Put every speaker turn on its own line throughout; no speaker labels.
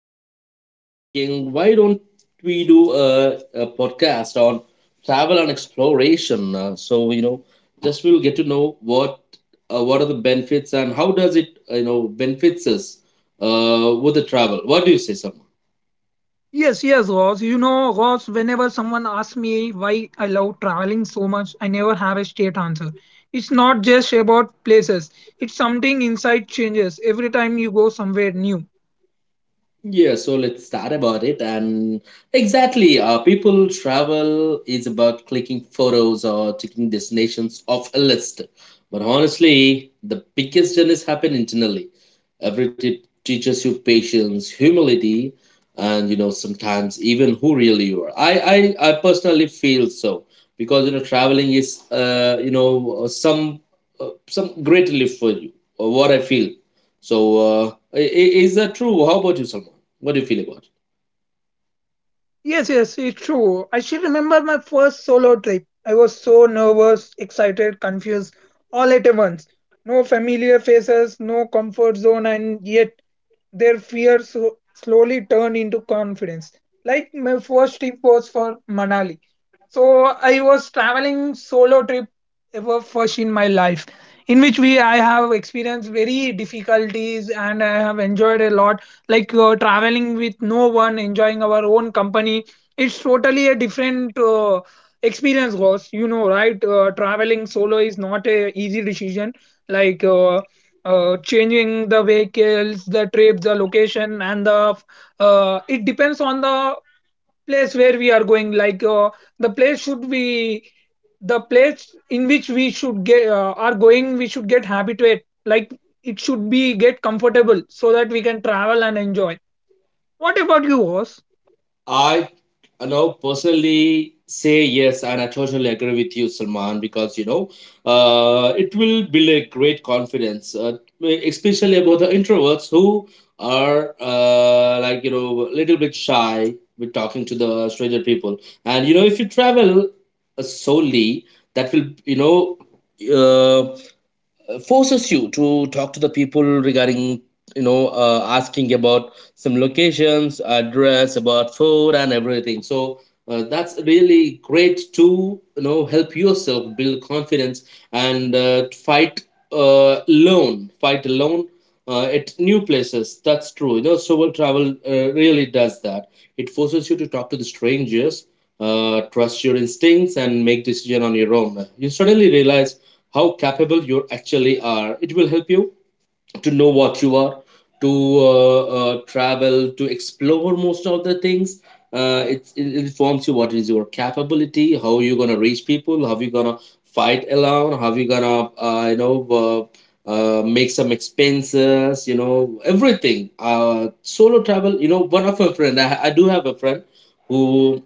Just thinking, why don't we do a podcast on travel and exploration? So just we'll get to know what are the benefits and how does it benefits us with the travel. What do you say, Salman?
Yes, yes, Ross. Ross, whenever someone asks me why I love traveling so much, I never have a straight answer. It's not just about places, it's something inside changes every time you go somewhere new.
Yeah, so let's start about it. And exactly, people travel is about clicking photos or ticking destinations off a list. But honestly, the biggest journeys happen internally. Every trip teaches you patience, humility, and sometimes even who really you are. I personally feel so, because traveling is some great relief for you. Or what I feel. So. Is that true? How about you, Salman? What do you feel about it?
Yes, yes, it's true. I still remember my first solo trip. I was so nervous, excited, confused, all at once. No familiar faces, no comfort zone, and yet their fears slowly turn into confidence. Like my first trip was for Manali. So I was traveling solo trip ever first in my life, in which we I have experienced very difficulties and I have enjoyed a lot. Like traveling with no one, enjoying our own company. It's totally a different experience, guys. You know, right? Traveling solo is not a easy decision. Like changing the vehicles, the trip, the location, and the it depends on the place where we are going. Like the place should be the place in which we should get are going. We should get habituate. Like it should be get comfortable so that we can travel and enjoy. What about you, Oz?
I personally say yes, and I totally agree with you, Salman, because it will build a great confidence, especially about the introverts who are a little bit shy with talking to the stranger people. And if you travel solely, that will uh, forces you to talk to the people regarding asking about some locations address about food and everything, so that's really great to help yourself build confidence and fight alone at new places. That's true. Solo travel really does that. It forces you to talk to the strangers, trust your instincts and make decision on your own. You suddenly realize how capable you actually are. It will help you to know what you are, to travel, to explore most of the things. It informs you what is your capability, how you gonna reach people, how you gonna fight alone, how you gonna make some expenses, everything. Solo travel, one of my friend, I do have a friend who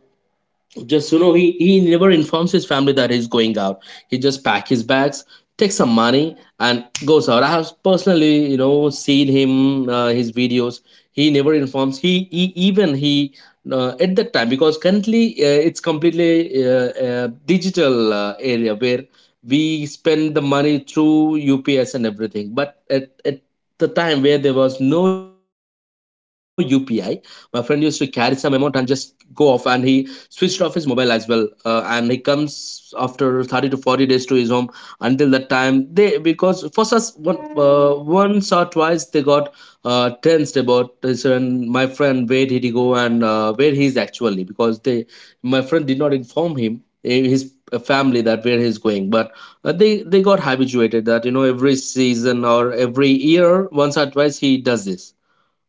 just he never informs his family that he's going out. He just pack his bags, takes some money and goes out. I have personally seen him, his videos. He never informs, he even he at that time. Because currently it's completely digital area, where we spend the money through ups and everything, but at the time where there was no upi, my friend used to carry some amount and just go off, and he switched off his mobile as well, and he comes after 30 to 40 days to his home. Until that time, they, because for us, once or twice, they got tensed about this, and my friend, where did he go, and where he is actually, because they, my friend did not inform him, his family, that where he's going. But they got habituated that, every season or every year once or twice he does this.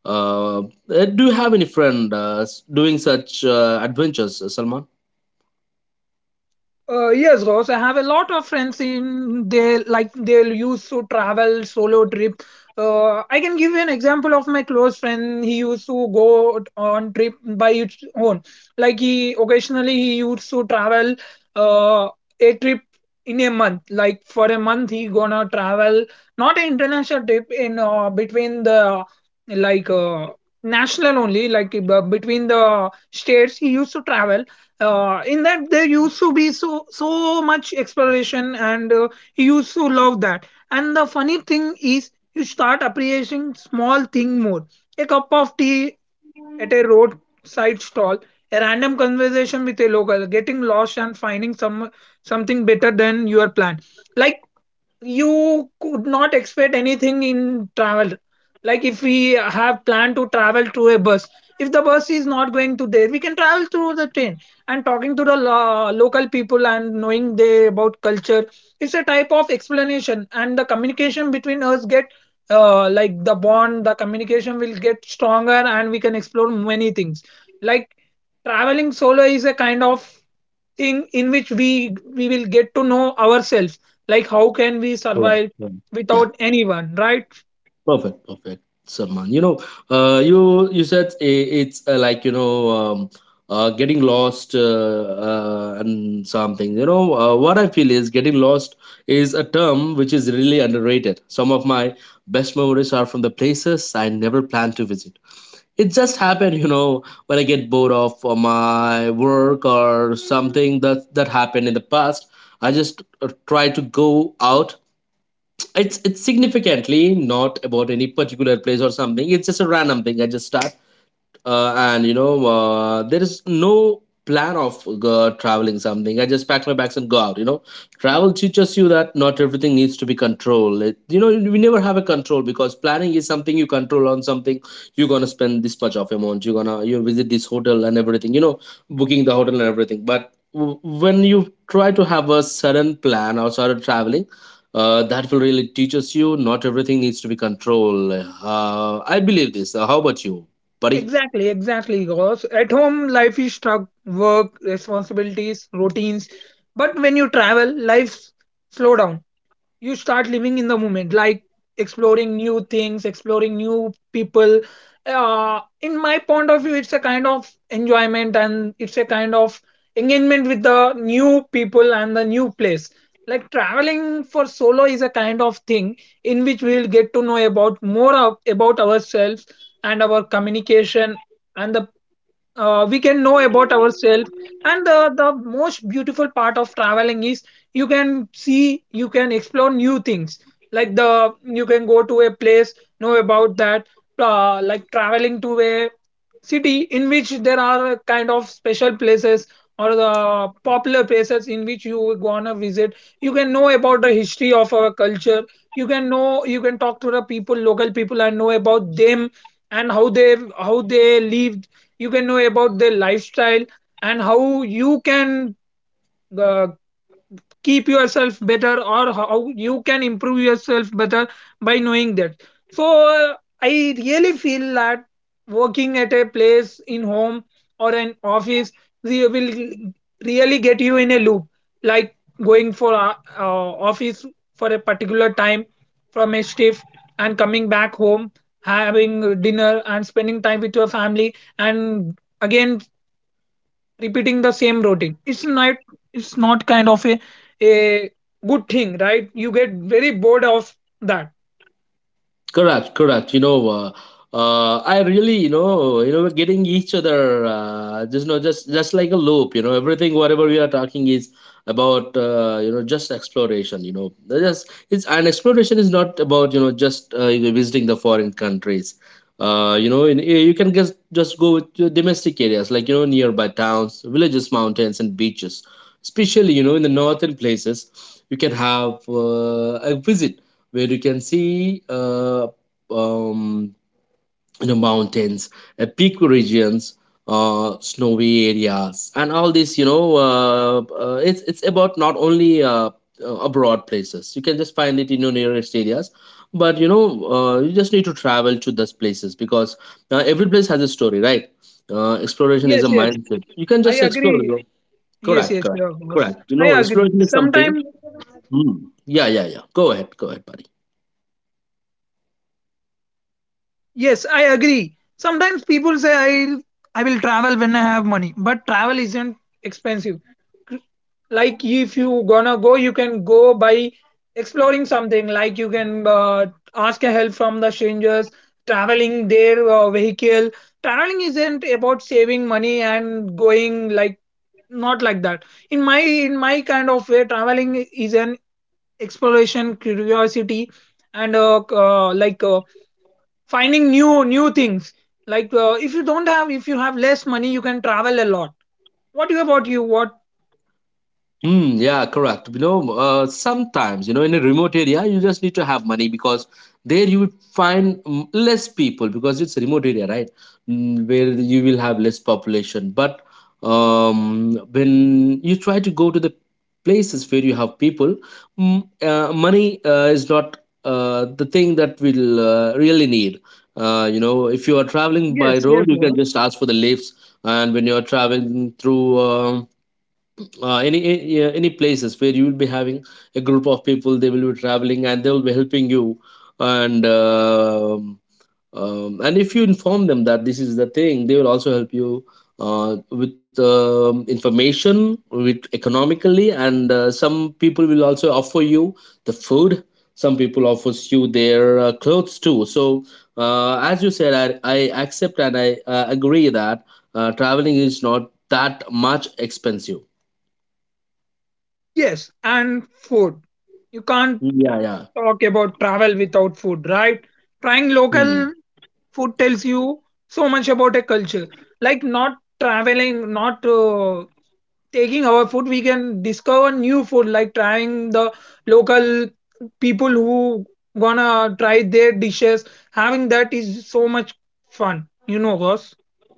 uh, do you have any friend doing such adventures, Salman?
Yes, Rose. I have a lot of friends in they like they'll use to travel solo trip. I can give you an example of my close friend. He used to go on trip by his own. Like he occasionally he used to travel uh, a trip in a month. Like for a month he gonna travel not an international trip in between the like national only like between the states he used to travel in that there used to be so so much exploration and he used to love that, and the funny thing is you start appreciating small thing more, a cup of tea at a roadside stall, a random conversation with a local, getting lost and finding something better than your plan. Like you could not expect anything in travel. Like if we have planned to travel to a bus, if the bus is not going to there, we can travel through the train, and talking to the local people and knowing they about culture. It's a type of explanation and the communication between us get, like the bond, the communication will get stronger and we can explore many things. Like traveling solo is a kind of thing in which we will get to know ourselves, like how can we
Correct.
survive
Yeah,
without anyone, right?
perfect, perfect, Salman. You said, it's getting lost and something. What I feel is getting lost is a term which is really underrated. Some of my best memories are from the places I never planned to visit. It just happened, when I get bored of my work or something that happened in the past. I just try to go out. It's significantly not about any particular place or something. It's just a random thing. I just start, and there is no plan of traveling something. I just packed my bags and go out. Travel teaches you that not everything needs to be controlled. We never have a control, because planning is something you control on something. You're gonna spend this much of amount, you're gonna you visit this hotel and everything, booking the hotel and everything. But when you try to have a sudden plan or sudden traveling, that will really teaches you, not everything needs to be controlled. I believe this. How about you, buddy?
Exactly, exactly, because at home life is stuck, work responsibilities, routines, but when you travel life slow down, you start living in the moment, like exploring new things, exploring new people. In my point of view it's a kind of enjoyment and it's a kind of engagement with the new people and the new place. Like traveling for solo is a kind of thing in which we will get to know about more of, about ourselves, and our communication, and the we can know about ourselves, and the most beautiful part of traveling is you can see, you can explore new things. Like the you can go to a place, know about that, like traveling to a city in which there are a kind of special places or the popular places in which you gonna visit. You can know about the history of our culture. You can know, you can talk to the people local people and know about them, and how they live. You can know about their lifestyle and how you can uh, keep yourself better or how you can improve yourself better by knowing that. So uh, I really feel that working at a place in home or an office will really get you in a loop, like going for a office for a particular time from a shift, and coming back home, having dinner and spending time with your family, and again repeating the same routine. It's not kind of a a good thing, right? You get very bored of that.
Correct, correct. I really, we're getting each other. Just know, just like a loop. Everything whatever we are talking is about. Just exploration. They're just it's and exploration is not about just visiting the foreign countries. You can just go with your domestic areas, like nearby towns, villages, mountains, and beaches. Especially, in the northern places, you can have a visit where you can see um, mountains, peak regions, snowy areas, and all this. It's about not only abroad places. You can just find it in your nearest areas, but you just need to travel to those places, because every place has a story, right? Exploration is a
Yes, yes,
mindset. You can
I
just explore. You
agree.
know?
Yes,
Correct,
yes,
correct,
of course.
correct.
I agree
Exploration is something.
sometimes.
Hmm. Yeah, yeah, yeah. Go ahead, go ahead.
Yes, I agree. Sometimes people say I will travel when I have money, but travel isn't expensive. Like if you gonna go, you can go by exploring something, like you can ask a help from the strangers, traveling their vehicle. Traveling isn't about saving money and going, like not like that. In my in my kind of way, traveling is an exploration, curiosity, and like finding new things. Like if you have less money you can travel a lot. What about you, what?
Mm, yeah, correct. Sometimes, in a remote area, you just need to have money, because there you would find less people, because it's a remote area, right? Mm, where you will have less population. But when you try to go to the places where you have people, money is not the thing that will really need. If you are traveling by
Yes,
road,
yes.
you can just ask for the lifts. And when you are traveling through, yeah, any places where you will be having a group of people, they will be traveling and they will be helping you. And um, um, and if you inform them that this is the thing, they will also help you with information, with economically, and some people will also offer you the food. Some people offers you their clothes too. So, as you said, I accept and I agree that traveling is not that much expensive.
Yes, and food. You can't
Yeah, yeah.
talk about travel without food, right? Trying
Hmm.
local food tells you so much about a culture. Like not traveling, not taking our food, we can discover new food, like trying the local people who gonna try their dishes. Having that is so much fun, you know, Ross.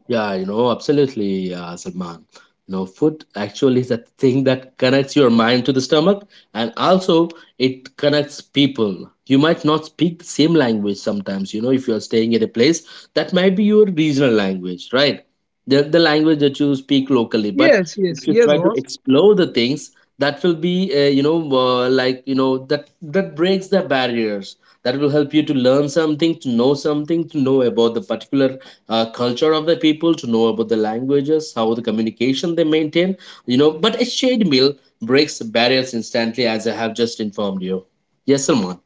Yeah, absolutely, Salman. Food actually is a thing that connects your mind to the stomach, and also it connects people. You might not speak the same language sometimes. If you're staying at a place, that might be your regional language, right? The language that you speak locally. But
Yes, yes,
if you
yes,
try to
Ross.
explore the things, that will be, like that breaks the barriers. That will help you to learn something, to know about the particular culture of the people, to know about the languages, how the communication they maintain. But a shared meal breaks barriers instantly, as I have just informed you. Yes, Salman.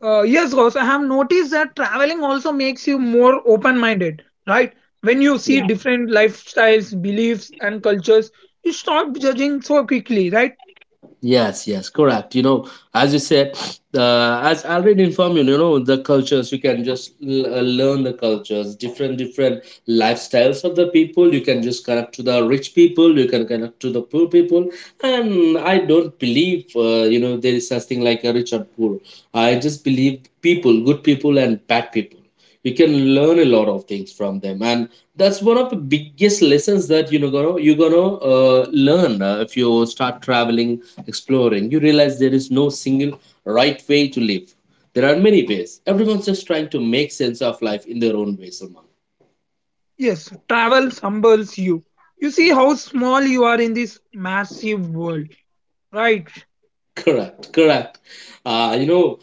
Yes, Ross, I have noticed that traveling also makes you more open minded, right? When you see different lifestyles, beliefs, and cultures, you stop judging so quickly, right?
Yes, yes, correct. As you said, as already informed you, the cultures, you can just learn the cultures, different lifestyles of the people. You can just connect to the rich people, you can connect to the poor people. And I don't believe, there is such thing like a rich or poor. I just believe people, good people and bad people. You can learn a lot of things from them. And that's one of the biggest lessons, that you're gonna learn, if you start traveling exploring, you realize there is no single right way to live. There are many ways. Everyone's just trying to make sense of life in their own way, Salman.
Yes, travel humbles you. You see how small you are in this massive world, right?
Correct, correct. Uh, you know,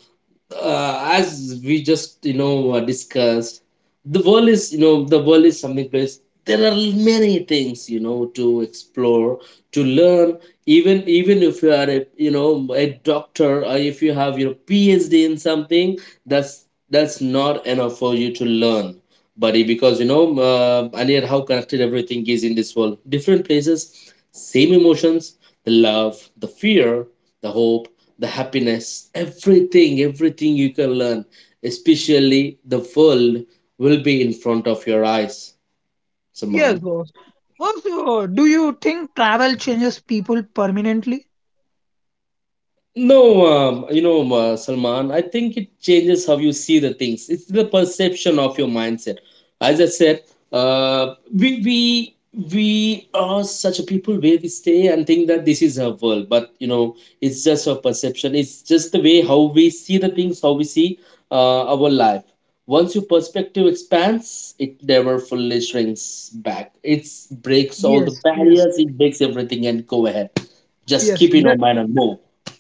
as we just discussed, the world is something place, there are many things, to explore, to learn. Even if you are a doctor, or if you have your phd in something, that's not enough for you to learn, buddy, because and yet how connected everything is in this world. Different places, same emotions, the love, the fear, the hope, the happiness, everything, everything you can learn, especially the world will be in front of your eyes,
Yes,
Saman.
Ross. Also, do you think travel changes people permanently?
No, Salman, I think it changes how you see the things. It's the perception of your mindset. As I said, uh, we we we are such a people where we stay and think that this is our world, but it's just our perception. It's just the way how we see the things, how we see our life. Once your perspective expands, it never fully shrinks back. It breaks all the
Yes, yes,
barriers. It breaks everything, and go ahead. Just
yes,
keep in your
that,
mind and move.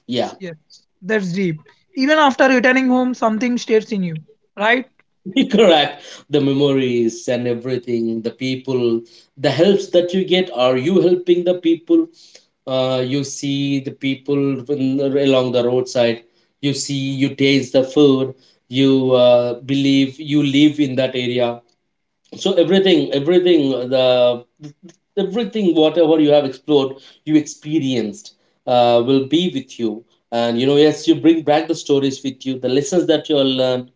Yeah.
yes, that's deep. Even after returning home, something stays in you, right?
Correct. The memories and everything, the people, the helps that you get. Are you helping the people? You see the people along the roadside. You see, you taste the food. You believe you live in that area, so everything, whatever you have explored, you experienced, will be with you. And yes, you bring back the stories with you, the lessons that you have learned,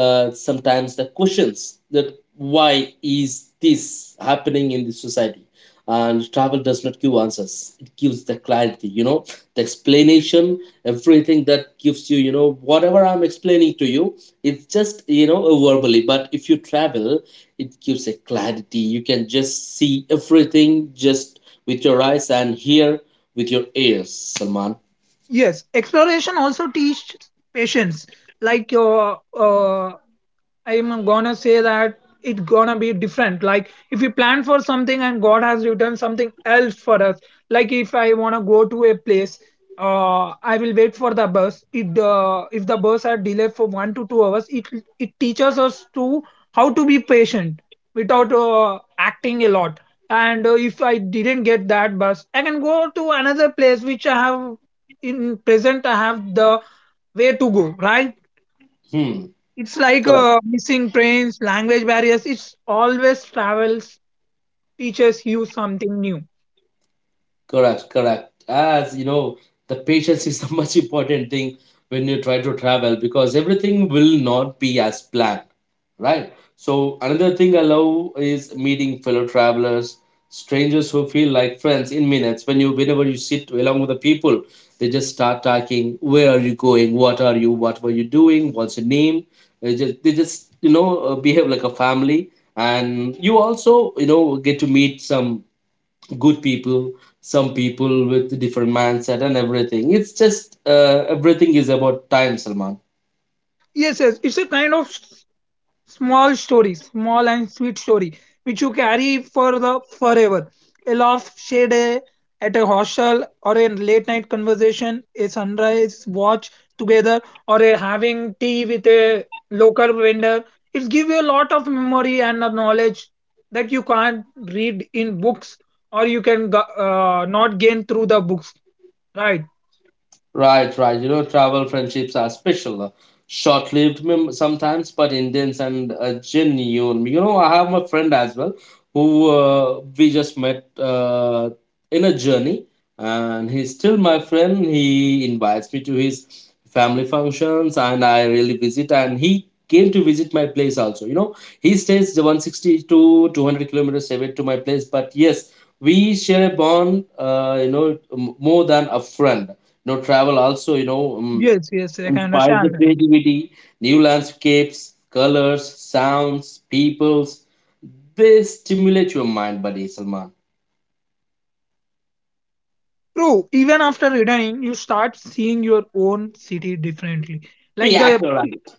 sometimes the questions, that why is this happening in this society. And travel does not give answers, it gives the clarity, the explanation, everything that gives you, you know whatever I'm explaining to you. It's just, verbally, but if you travel it gives a clarity. You can just see everything, just with your eyes and hear with your ears, Salman.
Yes, exploration also teaches patience. Like I'm gonna say that it's gonna be different. Like if we plan for something and God has written something else for us. Like if I wanna go to a place, I will wait for the bus. It If the bus are delayed for 1 to 2 hours, it teaches us to how to be patient without acting a lot. And if I didn't get that bus, I can go to another place which I have in present. I have the way to go, right?
Hmm.
It's like
Correct.
missing trains, language barriers, it's always travels teaches you something new.
Correct, correct. As you know, the patience is the much important thing when you try to travel, because everything will not be as planned, right? So another thing I love is meeting fellow travelers, strangers who feel like friends in minutes. Whenever you sit along with the people, they just start talking. Where are you going? What are you? What were you doing? What's your name? They just, behave like a family, and you also, get to meet some good people, some people with different mindset and everything. It's just, everything is about time, Salman.
Yes, yes. It's a kind of small story, small and sweet story, which you carry for the forever. A laugh shared at a hostel or a late night conversation, a sunrise watch together, or a having tea with a local vendor. It gives you a lot of memory and the knowledge that you can't read in books or you can not gain through the books, right?
Right, right. You know, travel friendships are special, short lived sometimes, but Indians and genuine. You know, I have my friend as well who we just met in a journey, and he's still my friend. He invites me to his family functions, and I really visit, and he came to visit my place also. You know, he stays 160 to 200 kilometers away to my place, but yes, we share a bond, more than a friend. Travel also,
Yes, yes, I can
inspires the
understand.
creativity, new landscapes, colors, sounds, peoples. They stimulate your mind, buddy. Salman.
True, even after returning, you start seeing your own city differently. Like
Yeah,
the do
correct.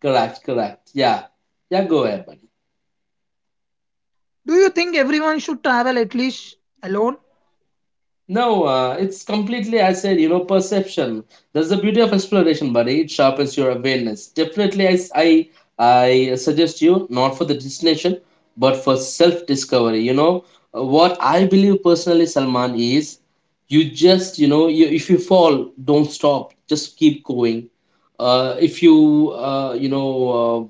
Correct, correct. Yeah. Yeah, go ahead, buddy.
you think everyone should travel at least alone?
No, it's completely, I said, perception. That's the beauty of exploration, buddy. It sharpens your awareness. Definitely, I suggest you not for the destination, but for self discovery. What I believe personally, Salman, is you just, you know, you, if you fall, don't stop, just keep going. If you, uh,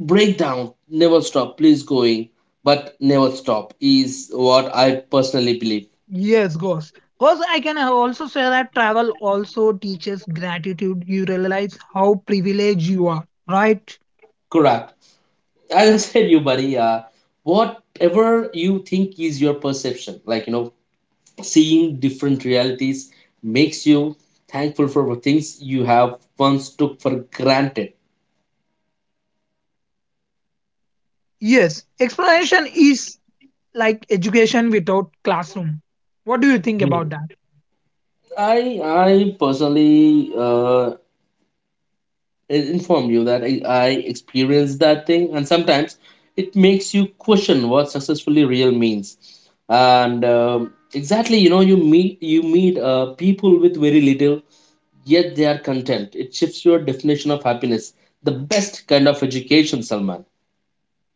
break down, never stop, please going, but never stop is what I personally believe.
Yes, goes. Because I can also say that travel also teaches gratitude. You realize how privileged you are, right?
Correct. As I said, you buddy, whatever you think is your perception, like, seeing different realities makes you thankful for the things you have once took for granted.
Yes. Exploration is like education without classroom. What do you think
Hmm.
about that?
I personally inform you that I experienced that thing, and sometimes it makes you question what successfully real means. And exactly, you meet people with very little, yet they are content. It shifts your definition of happiness. The best kind of education, Salman.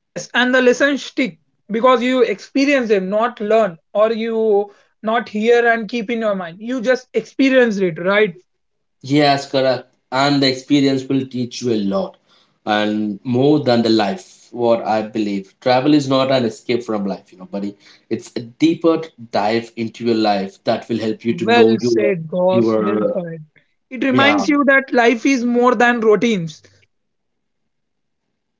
Yes, and the lessons stick because you experience them, not learn, or you not hear and keep in your mind. You just experience it, right?
Yes, correct. And the experience will teach you a lot, and more than the life, what I believe. Travel is not an escape from life, buddy. It's a deeper dive into your life that will help you to know
Well
your,
said, Goss. Well
your.
said. It
Yeah.
reminds you that life is more than routines.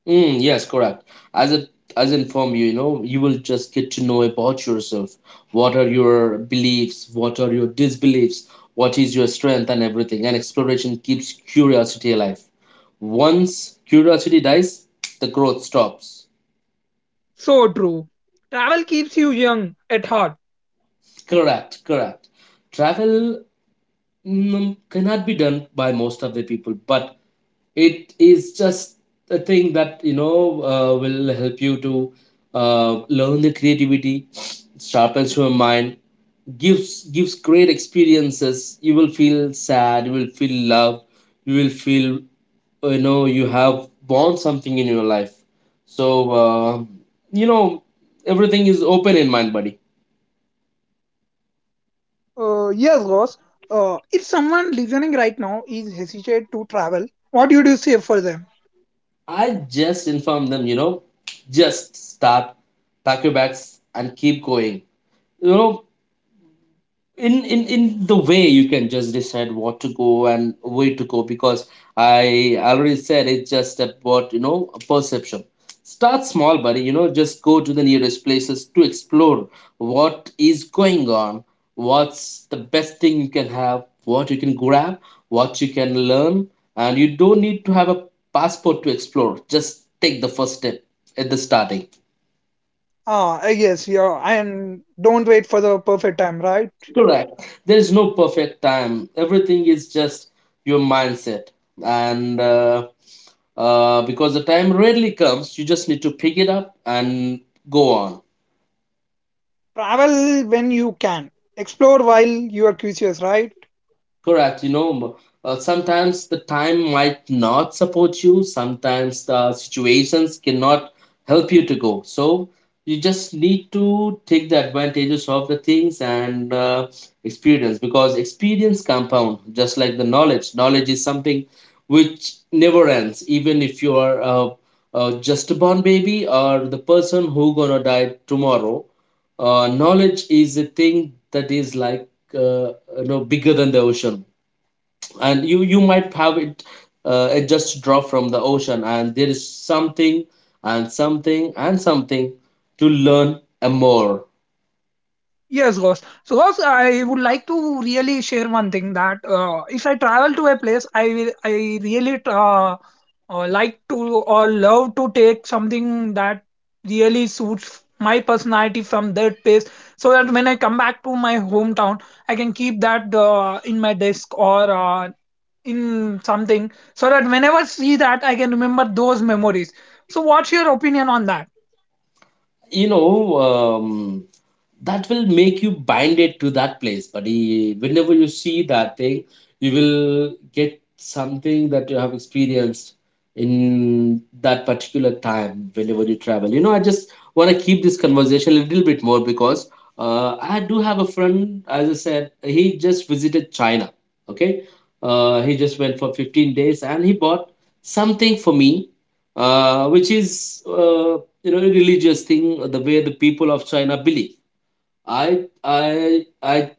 Mm, yes, correct. As it as inform you, you will just get to know about yourself. What are your beliefs? What are your disbeliefs? What is your strength and everything? And exploration keeps curiosity alive. Once curiosity dies, the growth stops.
So true. Travel keeps you young at heart.
Correct, correct. Travel, cannot be done by most of the people, but it is just a thing that, will help you to, learn the creativity, sharpens your mind, gives great experiences. You will feel sad, you will feel love, you will feel, you have born something in your life. So, uh, you know everything is open in mind, buddy.
Yes, Goss. If someone listening right now is hesitant to travel, what would you do say for them?
I just inform them, just start, pack your bags and keep going, you know in the way you can just decide what to go and where to go, because I already said it's just about, a perception. Start small, buddy. Just go to the nearest places to explore what is going on, what's the best thing you can have, what you can grab, what you can learn. And you don't need to have a passport to explore, just take the first step at the starting.
Ah, yes, yeah, and don't wait for the perfect time, right?
Correct. There is no perfect time. Everything is just your mindset. And because the time rarely comes, you just need to pick it up and go on.
Travel when you can, explore while you are curious, right?
Correct. Sometimes the time might not support you. Sometimes the situations cannot help you to go. So you just need to take the advantages of the things and, experience, because experience compound just like the knowledge. Knowledge is something which never ends. Even if you are, just a born baby, or the person who gonna die tomorrow, knowledge is a thing that is like, uh, bigger than the ocean. And you might have it. It just drop from the ocean, and there is something, and something, and something to learn and more.
Yes, ghost. So, ghost, I would like to really share one thing that if I travel to a place, I really like to or love to take something that really suits my personality from that place, so that when I come back to my hometown, I can keep that in my desk or in something, so that whenever see that, I can remember those memories. So, what's your opinion on that?
you know um, that will make you binded to that place, buddy. Whenever you see that thing you will get something that you have experienced in that particular time, whenever you travel. I just want to keep this conversation a little bit more, because I do have a friend. As I said, he just visited China. Okay. He just went for 15 days, and he bought something for me, which is, religious thing, the way the people of China believe. I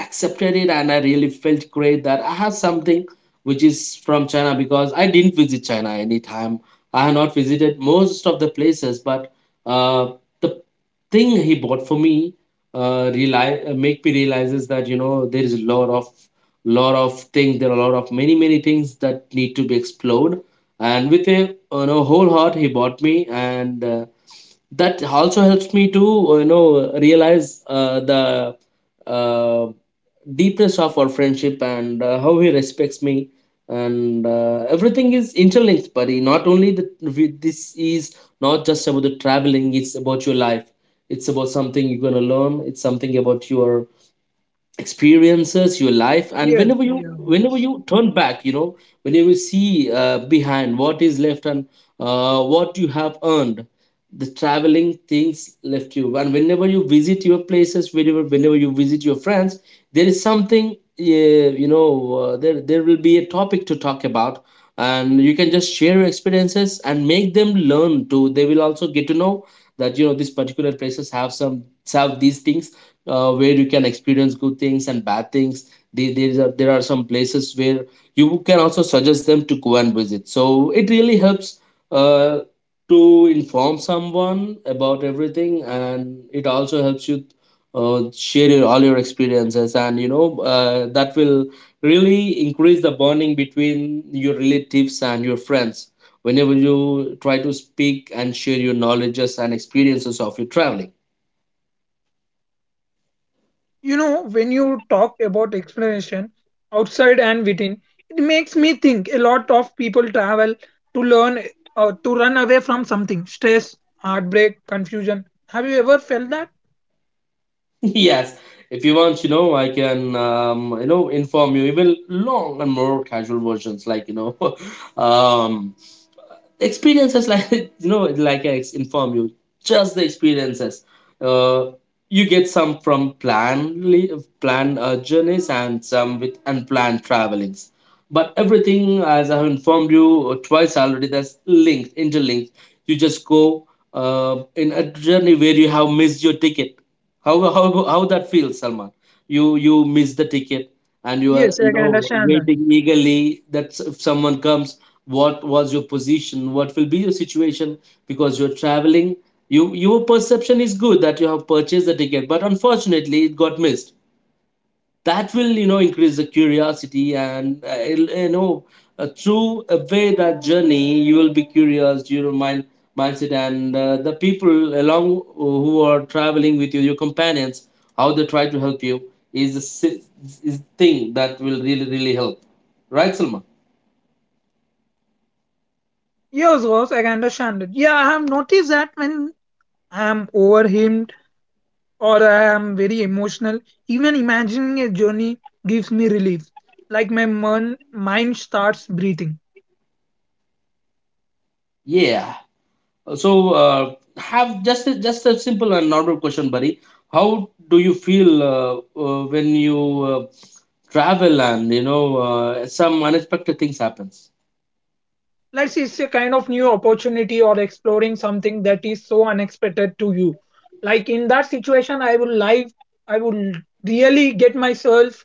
accepted it, and I really felt great that I have something which is from China, because I didn't visit China anytime. I have not visited most of the places, but uh, the thing he bought for me, realize, make me realizes that, there is a lot of things, there are a lot of many many things that need to be explored. And with a, whole heart, he bought me. And that also helps me to, realize, the, uh, deepness of our friendship, and how he respects me. And everything is interlinked, buddy. Not only that, this is not just about the traveling, it's about your life. It's about something you're going to learn, it's something about your experiences, your life. And
Yes,
whenever
yes.
you turn back, whenever you see, behind what is left, and what you have earned, the traveling things left you. And whenever you visit your places, whenever you visit your friends, there is something, there will be a topic to talk about. And you can just share your experiences and make them learn too. They will also get to know that, these particular places have some, have these things, where you can experience good things and bad things. There are some places where you can also suggest them to go and visit. So it really helps uh, to inform someone about everything, and it also helps you share all your experiences, and that will really increase the bonding between your relatives and your friends whenever you try to speak and share your knowledges and experiences of your traveling.
You know, when you talk about exploration outside and within, it makes me think a lot of people travel to learn or to run away from something stress, heartbreak, confusion. Have you ever felt that?
Yes, if you want, I can, inform you even long and more casual versions, um, experiences like inform you just the experiences uh, you get some from planned journeys and some with unplanned travelings, but everything, as I have informed you twice already, that's linked interlinked. You just go in a journey where you have missed your ticket. How that feels, Salman? You miss the ticket and you are,
Yes, I
you
can
know,
understand that.
waiting eagerly if someone comes. What was your position? What will be your situation? Because you're traveling, you, your perception is good that you have purchased the ticket, but unfortunately it got missed. That will, you know, increase the curiosity and, you know through a way that journey you will be curious. Your mind, mindset, and the people along who are traveling with you, your companions, how they try to help you is a si- is thing that will really, really help, right, Salma?
Yes, yes, I can understand it. Yeah, I have noticed that when I am overwhelmed or I am very emotional, even imagining a journey gives me relief. Like my mind starts breathing.
Yeah. So have just a simple and normal question, buddy. How do you feel when you travel and some unexpected things happens?
Let's say it's a kind of new opportunity or exploring something that is so unexpected to you. Like in that situation, I will really get myself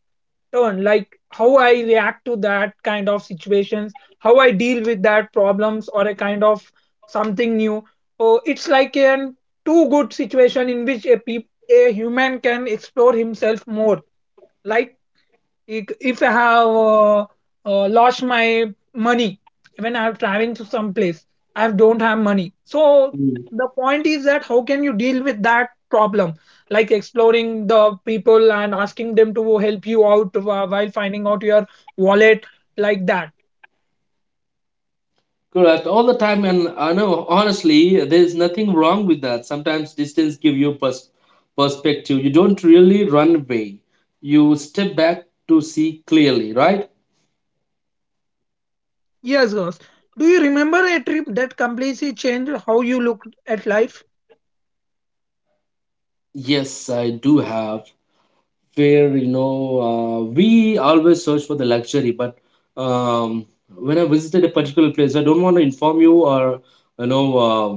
turn, like how I react to that kind of situations, how I deal with that problems or a kind of something new. Oh, it's like a too good situation in which a human can explore himself more. Like if I have lost my money when I'm traveling to some place, I don't have money. So
Mm.
the point is that how can you deal with that problem? Like exploring the people and asking them to help you out while finding out your wallet, like that.
Correct. All the time, and I know honestly, there's nothing wrong with that. Sometimes distance give you perspective. You don't really run away. You step back to see clearly, right?
Yes, girls. Do you remember a trip that completely changed how you looked at life?
Yes, I do have. Where, you know, we always search for the luxury, but um, when I visited a particular place, I don't want to inform you or you know uh,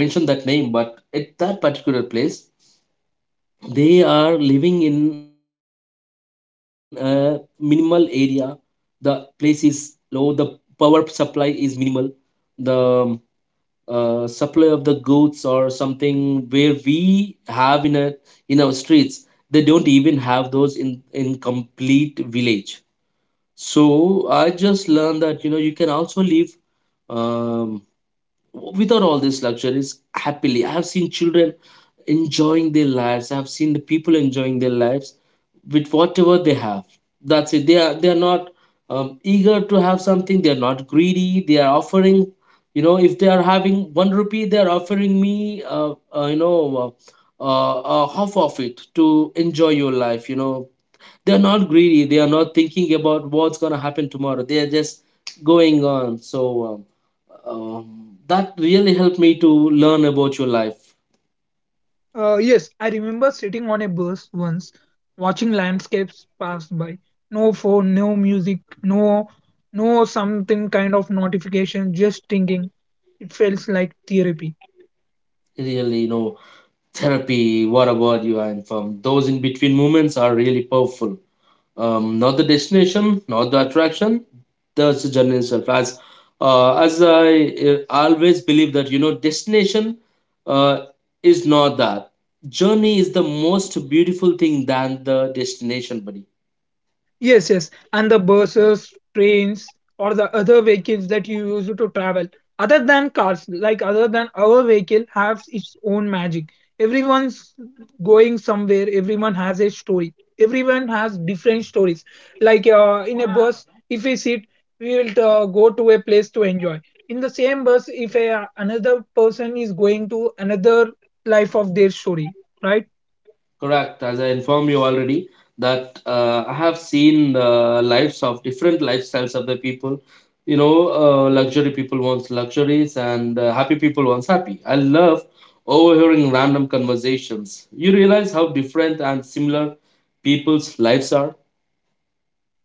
mention that name, but at that particular place, they are living in a minimal area. The place is low, the power supply is minimal, the supply of the goods or something where we have in a in our streets, they don't even have those in complete village. So I just learned that, you know, you can also live, um, without all these luxuries, happily. I have seen children enjoying their lives. I've seen the people enjoying their lives with whatever they have. That's it. They are not eager to have something. They are not greedy. They are offering. You know, if they are having one rupee, they are offering me. You know, half of it to enjoy your life. You know, they are not greedy. They are not thinking about what's gonna happen tomorrow. They are just going on. Um, that really helped me to learn about your life.
Yes, I remember sitting on a bus once, watching landscapes pass by. No phone, no music, no something kind of notification, just thinking. It feels like therapy.
Really, you know, therapy, what a word you are in from. Those in between moments are really powerful. Not the destination, not the attraction, just the journey itself. As I always believe that, you know, destination uh, is not that. Journey is the most beautiful thing than the destination, buddy.
Yes, yes. And the buses, trains, or the other vehicles that you use to travel, other than cars, like other than our vehicle, has its own magic. Everyone's going somewhere, everyone has a story. Everyone has different stories. Like, in a bus, if we sit, we will go to a place to enjoy. In the same bus, if another person is going to another life of their story, right?
Correct. As I informed you already, that I have seen lives of different lifestyles of the people. You know, luxury people wants luxuries, and happy people wants happy. I love overhearing random conversations. You realize how different and similar people's lives are.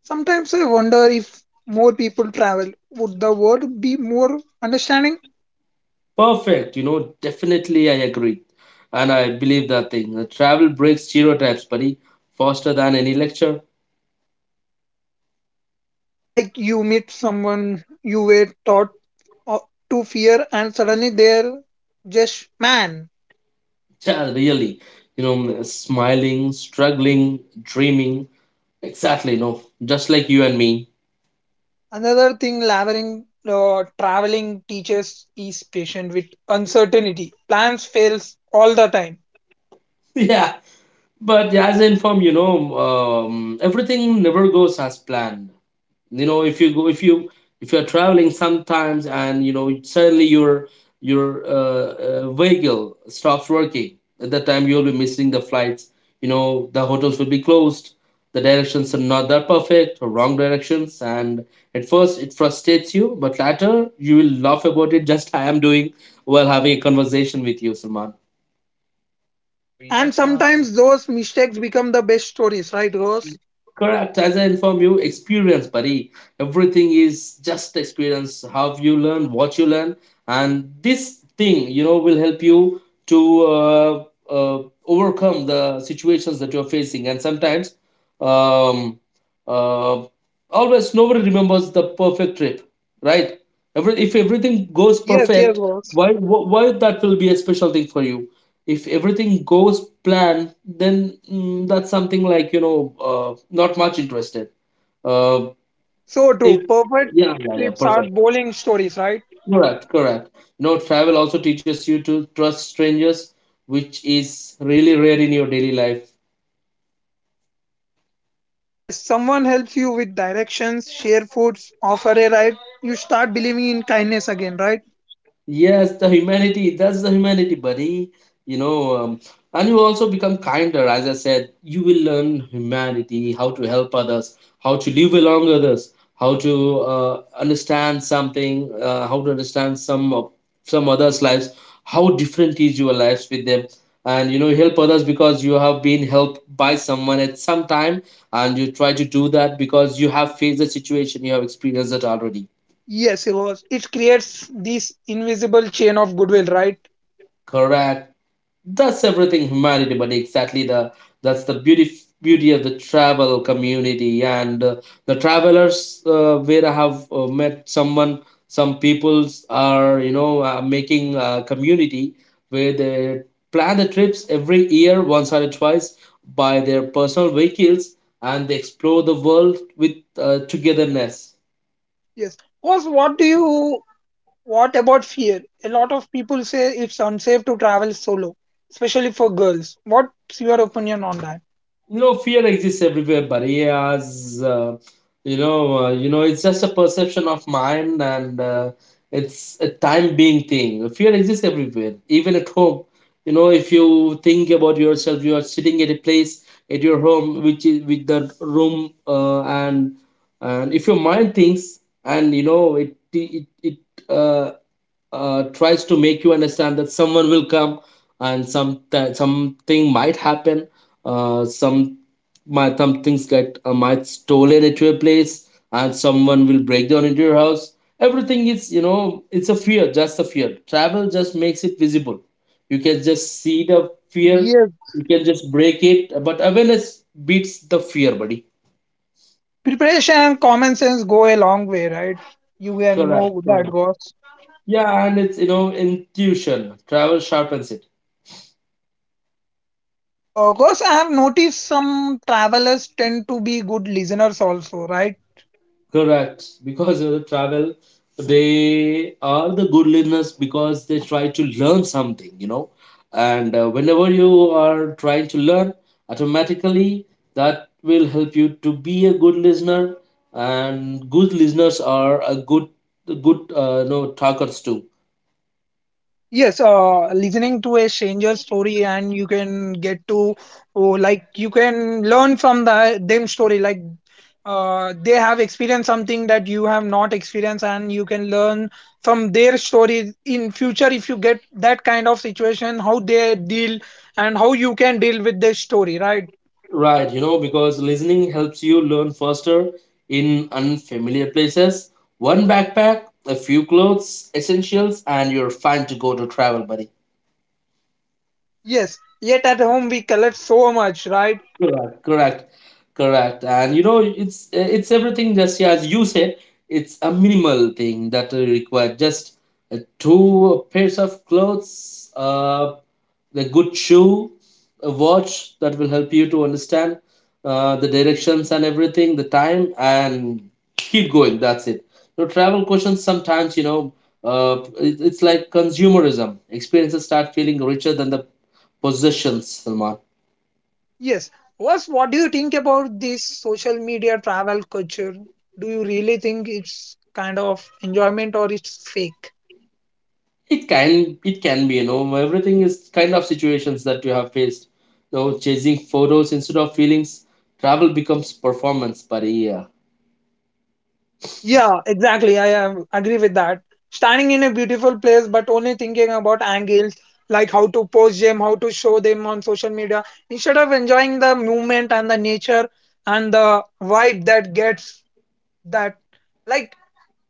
Sometimes I wonder if more people travel, would the world be more understanding?
Perfect. You know, definitely I agree, and I believe that thing. Travel breaks stereotypes, buddy, faster than any lecture.
Like, you meet someone you were taught to fear, and suddenly they're just man.
Yeah, really. You know, smiling, struggling, dreaming. Exactly, you know, just like you and me.
Another thing, laboring traveling teaches is patient with uncertainty. Plans fails all the time,
Yeah. But as I inform, you know, everything never goes as planned. You know, if you, if you're traveling sometimes and, you know, suddenly your vehicle stops working. At that time, you'll be missing the flights, you know, the hotels will be closed, the directions are not that perfect, or wrong directions. And at first it frustrates you, but later you will laugh about it, just I am doing while having a conversation with you, Salman.
and sometimes those mistakes become the best stories, right, Rose?
Correct. As I inform you, experience, buddy. Everything is just experience. How you learn, what you learn, and this thing, you know, will help you to uh, overcome the situations that you're facing. And sometimes, um, uh, always nobody remembers the perfect trip, right? Every if everything goes
Yes, yes,
perfect,
Rose.
why that will be a special thing for you? If everything goes plan, that's something like, you know, not much interested. Uh,
So
if
true. Perfect
Yeah, yeah, yeah,
trips are
perfect.
bowling stories, right?
Correct, correct. You know, travel also teaches you to trust strangers, which is really rare in your daily life.
Yes, someone helps you with directions, share foods, offer a ride. You start believing in kindness again, right?
Yes, the humanity. That's the humanity, buddy. You know, and you also become kinder. As I said, you will learn humanity, how to help others, how to live along others, how to understand something, how to understand some others' lives, how different is your lives with them, and you know, you help others because you have been helped by someone at some time, and you try to do that because you have faced the situation, you have experienced it already.
Yes, it was. It creates this invisible chain of goodwill, right?
Correct. That's everything humanity, but exactly the that's the beauty of the travel community and the travelers, where I have met someone, some peoples are, you know, making a community where they plan the trips every year, once or twice, by their personal vehicles, and they explore the world with togetherness.
Yes. Was what do you What about fear? A lot of people say it's unsafe to travel solo, especially for girls. What's your opinion on that?
You know, fear exists everywhere. Barriers, you know, it's just a perception of mind, and it's a time being thing. Fear exists everywhere, even at home. You know, if you think about yourself, you are sitting at a place, at your home, which is with the room, and if your mind thinks and, you know, it uh, tries to make you understand that someone will come and some that something might happen. Some My some things get might stolen into a place, and someone will break down into your house. Everything is, you know, it's a fear, just a fear. Travel just makes it visible. You can just see the fear,
Yes,
you can just break it, but awareness beats the fear, buddy.
yes. Preparation and common sense go a long way, right? You can
Correct,
know that
correct.
goes.
Yeah, and it's, you know, intuition travel sharpens it.
Course, I have noticed some travelers tend to be good listeners also, right?
Correct. Because of the travel, they are the good learners because they try to learn something, you know. And whenever you are trying to learn, automatically that will help you to be a good listener. And good listeners are a good, no talkers too.
Yes, listening to a stranger's story and you can get to, oh, like you can learn from them story. Like, they have experienced something that you have not experienced, and you can learn from their story in future if you get that kind of situation, how they deal and how you can deal with their story, right?
Right, you know, because listening helps you learn faster in unfamiliar places. One backpack, a few clothes, essentials, and you're fine to go to travel, buddy.
Yes. Yet at home we collect so much, right?
Correct, correct, correct. And you know, it's everything just, yeah, as you said. It's a minimal thing that require just two pairs of clothes, a good shoe, a watch that will help you to understand the directions and everything, the time, and keep going. That's it. You know, travel questions sometimes, you know, it's like consumerism. Experiences start feeling richer than the possessions, Salman.
Yes. What do you think about this social media travel culture? Do you really think it's kind of enjoyment or it's fake?
It can be, you know, everything is kind of situations that you have faced. You know, chasing photos instead of feelings, travel becomes performance, buddy. Yeah.
Yeah, exactly. I agree with that. Standing in a beautiful place, but only thinking about angles, like how to post them, how to show them on social media, instead of enjoying the movement and the nature and the vibe that gets that. Like,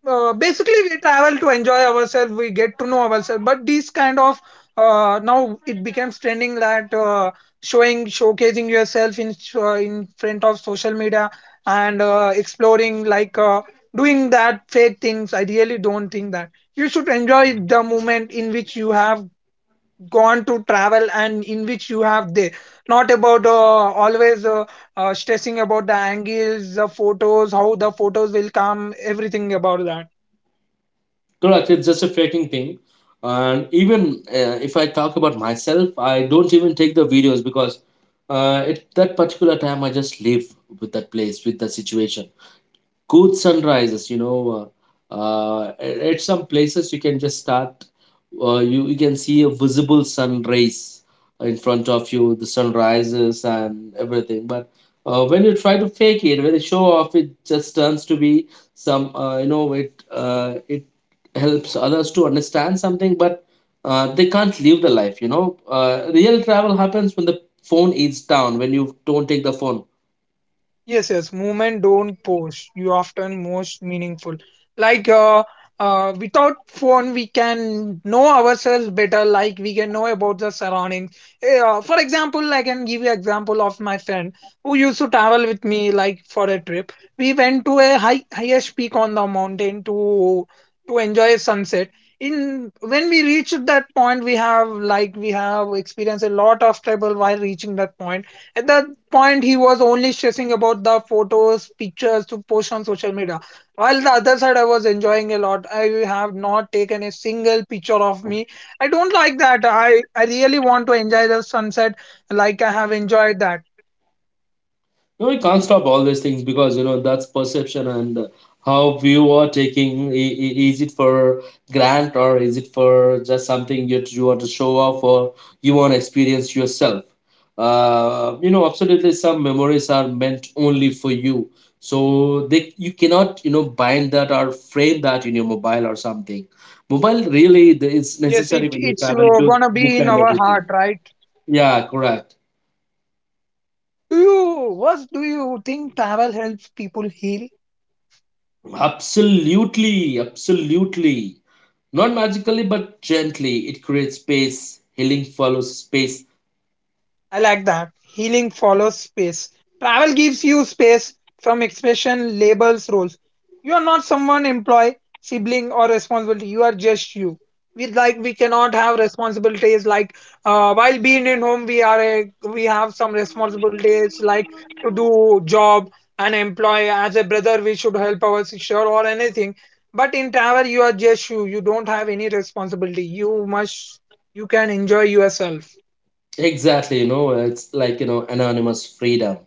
basically we travel to enjoy ourselves, we get to know ourselves, but these kind of now it becomes trending that showing showcasing yourself in front of social media, and exploring, like, doing that fake things. I really don't think that you should enjoy the moment in which you have gone to travel and in which you have there, not about always stressing about the angles, the photos, how the photos will come, everything about that.
Correct, it's just a faking thing. And even if I talk about myself, I don't even take the videos because at that particular time I just live with that place, with that situation. Good sunrises, you know, at some places you can just start, you can see a visible sun rays in front of you, the sun rises and everything. But when you try to fake it, when you show off, it just turns to be some, it helps others to understand something, but they can't live the life. You know, real travel happens when the phone is down, when you don't take the phone.
Yes, yes. Movement don't post. You often most meaningful. Like, without phone, we can know ourselves better. Like, we can know about the surroundings. For example, I can give you example of my friend who used to travel with me. Like for a trip, we went to a highest peak on the mountain to enjoy a sunset. In When we reached that point, we have, like, we have experienced a lot of trouble while reaching that point. At that point, he was only stressing about the photos, pictures to post on social media, while the other side I was enjoying a lot. I have not taken a single picture of me. I don't like that. I really want to enjoy the sunset. Like, I have enjoyed that.
No, you can't stop all these things, because you know that's perception and, how you are taking. Is it for grant, or is it for just something you, you want to show off, or you want to experience yourself? You know, absolutely, some memories are meant only for you, so they you cannot, you know, bind that or frame that in your mobile or something. Mobile really is
Yes,
necessary when you
it's
travel to
gonna
book
be in
and
our
everything.
heart, right?
Yeah, correct.
do you What do you think, travel helps people heal?
Absolutely, absolutely. Not magically, but gently, it creates space. Healing follows space.
I like that. Healing follows space. Travel gives you space from expression, labels, roles. You are not someone employee, sibling, or responsibility. You are just you. We Like, we cannot have responsibilities, like, while being in home, we have some responsibilities, like, to do job and employ, as a brother we should help our sister or anything. But in travel you are just you. You don't have any responsibility. You can enjoy yourself.
Exactly, you know, it's like, you know, anonymous freedom.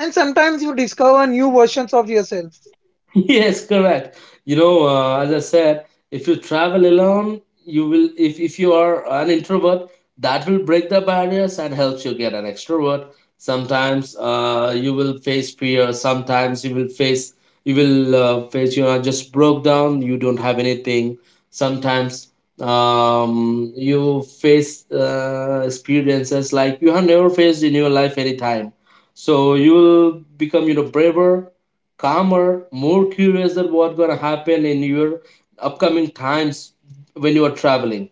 And sometimes you discover new versions of yourself
Yes, correct. You know, as I said, if you travel alone, you will, if you are an introvert, that will break the barriers and helps you get an extrovert. Sometimes you will face fear, sometimes you will face you are just broke down, you don't have anything. Sometimes, you face experiences like you have never faced in your life any time, so you will become, you know, braver, calmer, more curious than what's gonna happen in your upcoming times when you are traveling.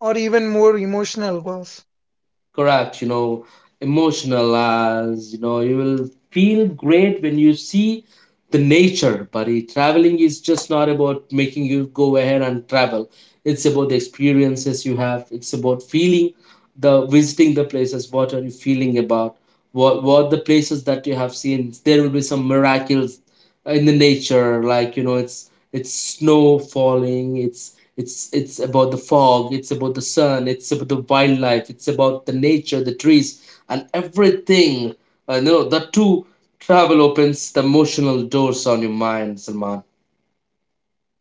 or even more emotional goals.
Correct. You know, emotional, as you know, you will feel great when you see the nature, buddy. Traveling is just not about making you go ahead and travel, it's about the experiences you have, it's about feeling, the visiting the places, what are you feeling about, what the places that you have seen. There will be some miracles in the nature, like, you know, it's, snow falling, it's about the fog, it's about the sun, it's about the wildlife, it's about the nature, the trees, and everything. I know that too. Travel opens the emotional doors on your mind, Salman.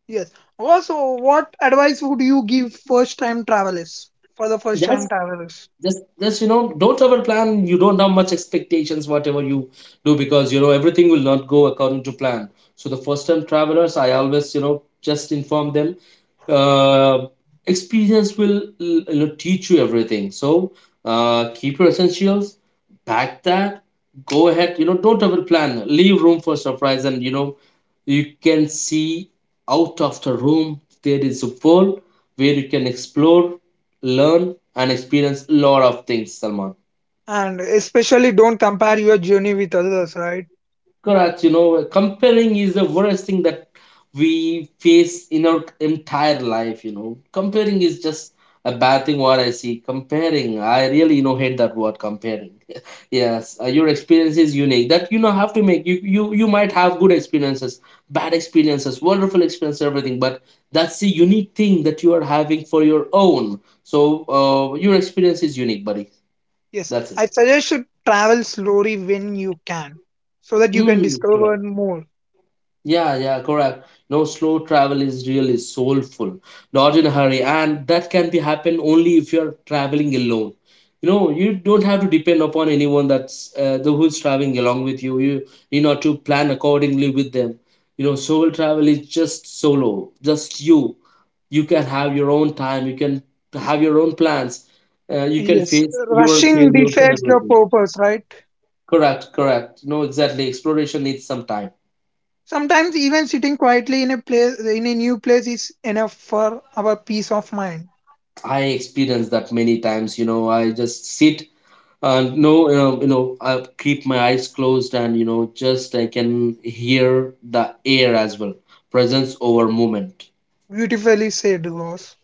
Yes. Also, what advice would you give first time travelers for the first time
That's.
travelers?
Just don't ever plan, you don't have much expectations whatever you do, because everything will not go according to plan. So the first time travelers, I always just inform them, uh, experience will teach you everything. So keep your essentials, pack that, go ahead. Don't ever plan, leave room for surprise, and you can see, out of the room there is a world where you can explore, learn, and experience a lot of things, Salman.
And especially don't compare your journey with others, right?
Correct, comparing is the worst thing that we face in our entire life. Comparing is just a bad thing what I see. Comparing, I really, hate that word comparing. Yes, your experience is unique. That have to make you might have good experiences, bad experiences, wonderful experience, everything, but that's the unique thing that you are having for your own. So your experience is unique, buddy.
Yes.
That's it.
I suggest you travel slowly when you can, so that you can
Mm,
discover more.
Yeah, yeah, correct. No, slow travel is really soulful, not in a hurry, and that can be happen only if you're traveling alone. You know, you don't have to depend upon anyone, that's the who's traveling along with you. You know to plan accordingly with them. You know, soul travel is just solo, just you. You can have your own time. You can have your own plans. You can
Yes.
face your
Rushing
failures and
defeats the
everything.
purpose, right?
Correct, correct. No, exactly. Exploration needs some time.
Sometimes even sitting quietly in a new place is enough for our peace of mind.
I experience that many times. You know, I just sit and no, I keep my eyes closed, and just I can hear the air as well. Presence over moment.
Beautifully said, Rose.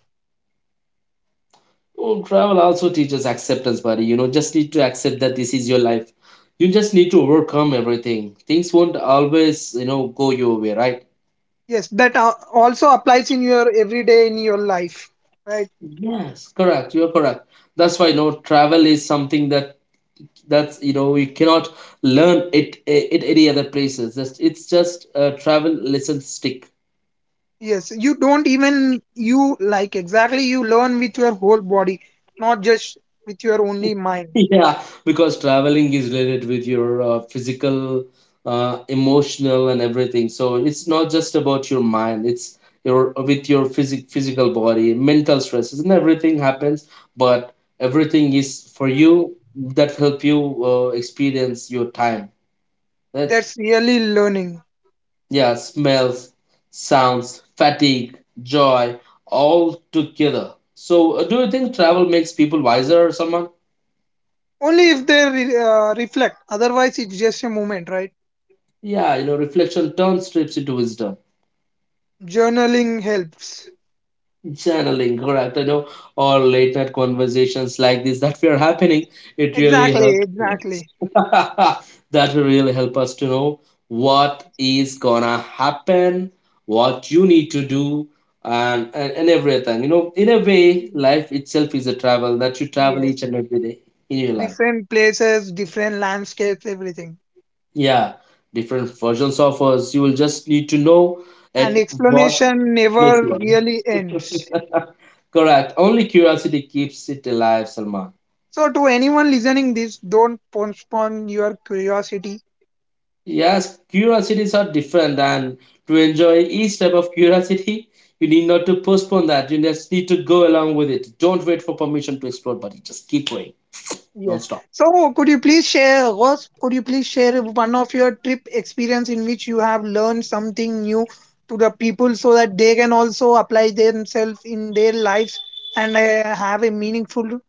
Oh, travel also teaches acceptance, buddy. You know, just need to accept that this is your life. You just need to overcome everything. Things won't always, go your way, right?
Yes, that also applies in your life, right?
Yes, correct. You're correct. That's why, travel is something that that's you know you cannot learn it in any other places. Just it's just a travel lesson stick.
Yes, you don't even, you, like, exactly, you learn with your whole body, not just with your only mind.
Yeah, because traveling is related with your physical, emotional, and everything. So it's not just about your mind, it's your, with your physical body, mental stresses and everything happens. But everything is for you, that help you, experience your time that.
That's really learning.
Yeah, smells, sounds, fatigue, joy, all together. So, do you think travel makes people wiser, someone?
Only if they reflect. Otherwise, it's just a moment, right?
Yeah, reflection turns trips into wisdom.
Journaling helps.
Channeling, correct. I know, all late night conversations like this that we are happening, it really
Exactly,
helps.
exactly.
That will really help us to know what is gonna happen, what you need to do, and everything. In a way, life itself is a travel that you travel
Yeah,
each and every day in your life.
different places, different landscapes, everything.
Yeah, different versions of us. You will just need to know
And
at what
explanation
place
never
you
really
are.
ends.
Correct, only curiosity keeps it alive, Salman.
So, to anyone listening this, don't postpone your curiosity.
Yes, curiosities are different, and to enjoy each type of curiosity, you need not to postpone that. You just need to go along with it. Don't wait for permission to explore, but you just keep going
Yes.
non-stop.
So, could you please share, Ross, could you please share one of your trip experience in which you have learned something new to the people so that they can also apply themselves in their lives and have a meaningful.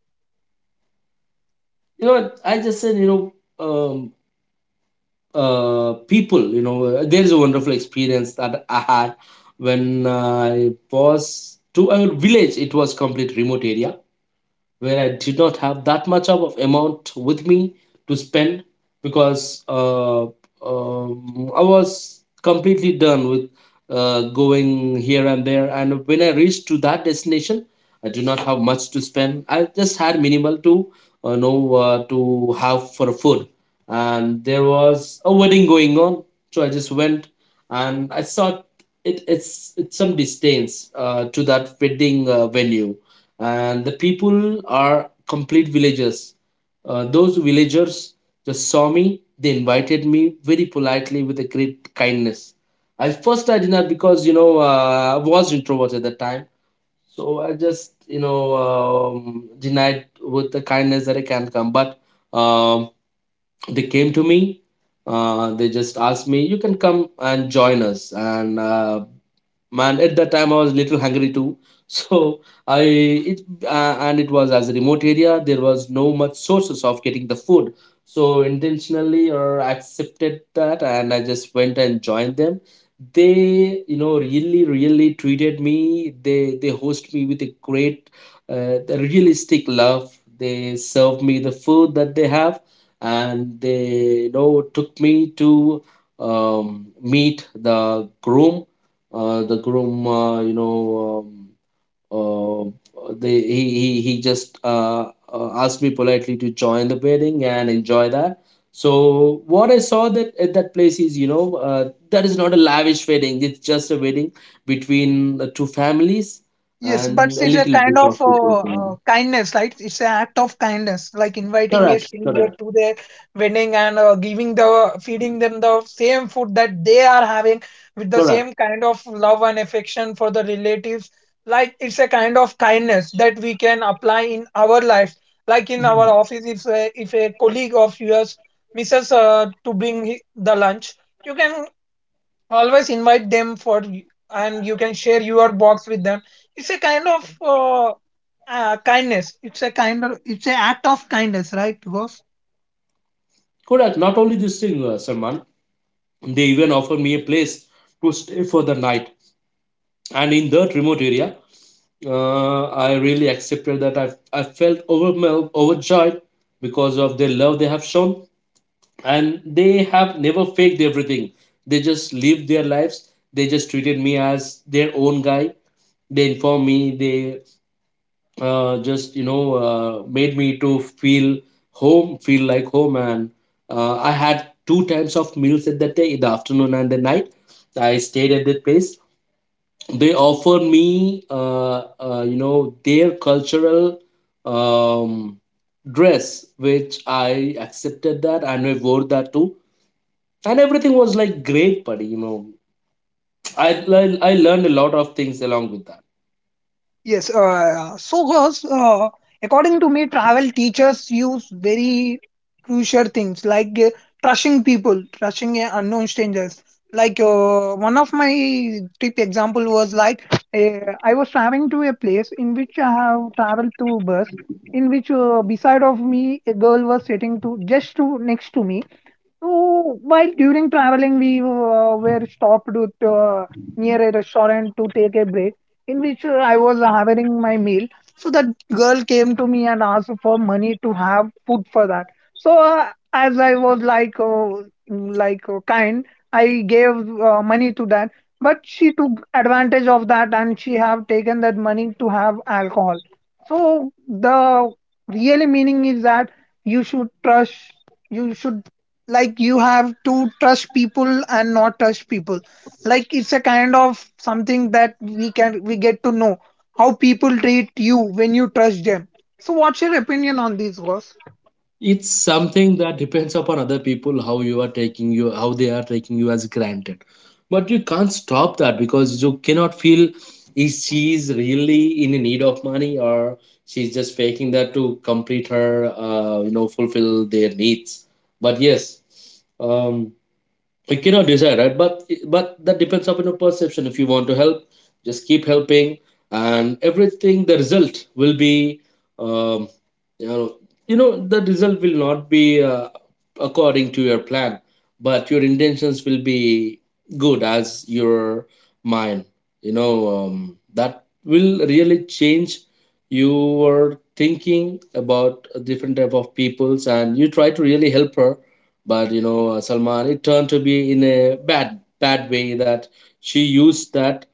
You know what? I just said, um, people. You know, there is a wonderful experience that I had when I was to a village. It was complete remote area where I did not have that much of amount with me to spend, because I was completely done with going here and there. And when I reached to that destination, I do not have much to spend. I just had minimal to have for food. And there was a wedding going on, so I just went and I saw it. It's some distance to that wedding venue, and the people are complete villagers. Those villagers just saw me. They invited me very politely with a great kindness. At first, I did not, because I was introvert at that time, so I just denied with the kindness that I can come. But um, they came to me. They just asked me, "You can come and join us." And man, at that time I was little hungry too. So I it and it was as a remote area, there was no much sources of getting the food, so intentionally or accepted that, and I just went and joined them. They really really treated me. They host me with a great, the realistic love. They served me the food that they have, and they took me to, meet the groom. uh, the groom uh, you know um, he just asked me politely to join the wedding and enjoy that. So what I saw that at that place is, that is not a lavish wedding, it's just a wedding between the two families
Yes, but
and a
it's a
little
kind
bit
of
of people join.
kindness, right? It's an act of kindness, like inviting a
Correct,
stranger
correct,
to their wedding, and giving, the feeding them the same food that they are having with the
correct.
same kind of love and affection for the relatives. Like, it's a kind of kindness that we can apply in our lives, like in our
Mhm.
office. If a colleague of yours misses to bring the lunch, you can always invite them for, and you can share your box with them. It's a kind of kindness. It's a kind of, it's an act of kindness, right? Because...
Correct, not only this thing, Salman, they even offered me a place to stay for the night. And in that remote area, I really accepted that. I felt overwhelmed, overjoyed, because of the love they have shown, and they have never faked everything. They just lived their lives. They just treated me as their own guy. They informed me. They just made me to feel home, feel like home. And I had two times of meals at that day, in the afternoon and the night. I stayed at that place. They offer me, their cultural, um, dress, which I accepted that, and I wore that too. And everything was like great, buddy. I I learned a lot of things along with that.
Yes, so girls, according to me, travel teachers use very crucial things, like trusting people, trusting unknown strangers. Like one of my trip example was like I was traveling to a place in which I have traveled to bus, in which beside of me a girl was sitting to just to next to me, so while during traveling, we were stopped near a restaurant to take a break, in which I was having my meal. So that girl came to me and asked for money to have food for that. So as I was like kind, I gave money to that. But she took advantage of that, and she have taken that money to have alcohol. So the really meaning is that you should trust you should like you have to trust people and not trust people. Like it's a kind of something that we get to know how people treat you when you trust them. So what's your opinion on this, boss?
It's something that depends upon other people, how you are taking you, how they are taking you as granted. But you can't stop that, because you cannot feel, is she is really in need of money, or she's just faking that to complete her, fulfill their needs. But yes, um I cannot decide, right? But that depends upon your perception. If you want to help, just keep helping, and everything. The result will be, um, you know, the result will not be, according to your plan, but your intentions will be good as your mind. You know, that will really change your thinking about different type of peoples, and you try to really help her. But Salman, it turned to be in a bad bad way, that she used that.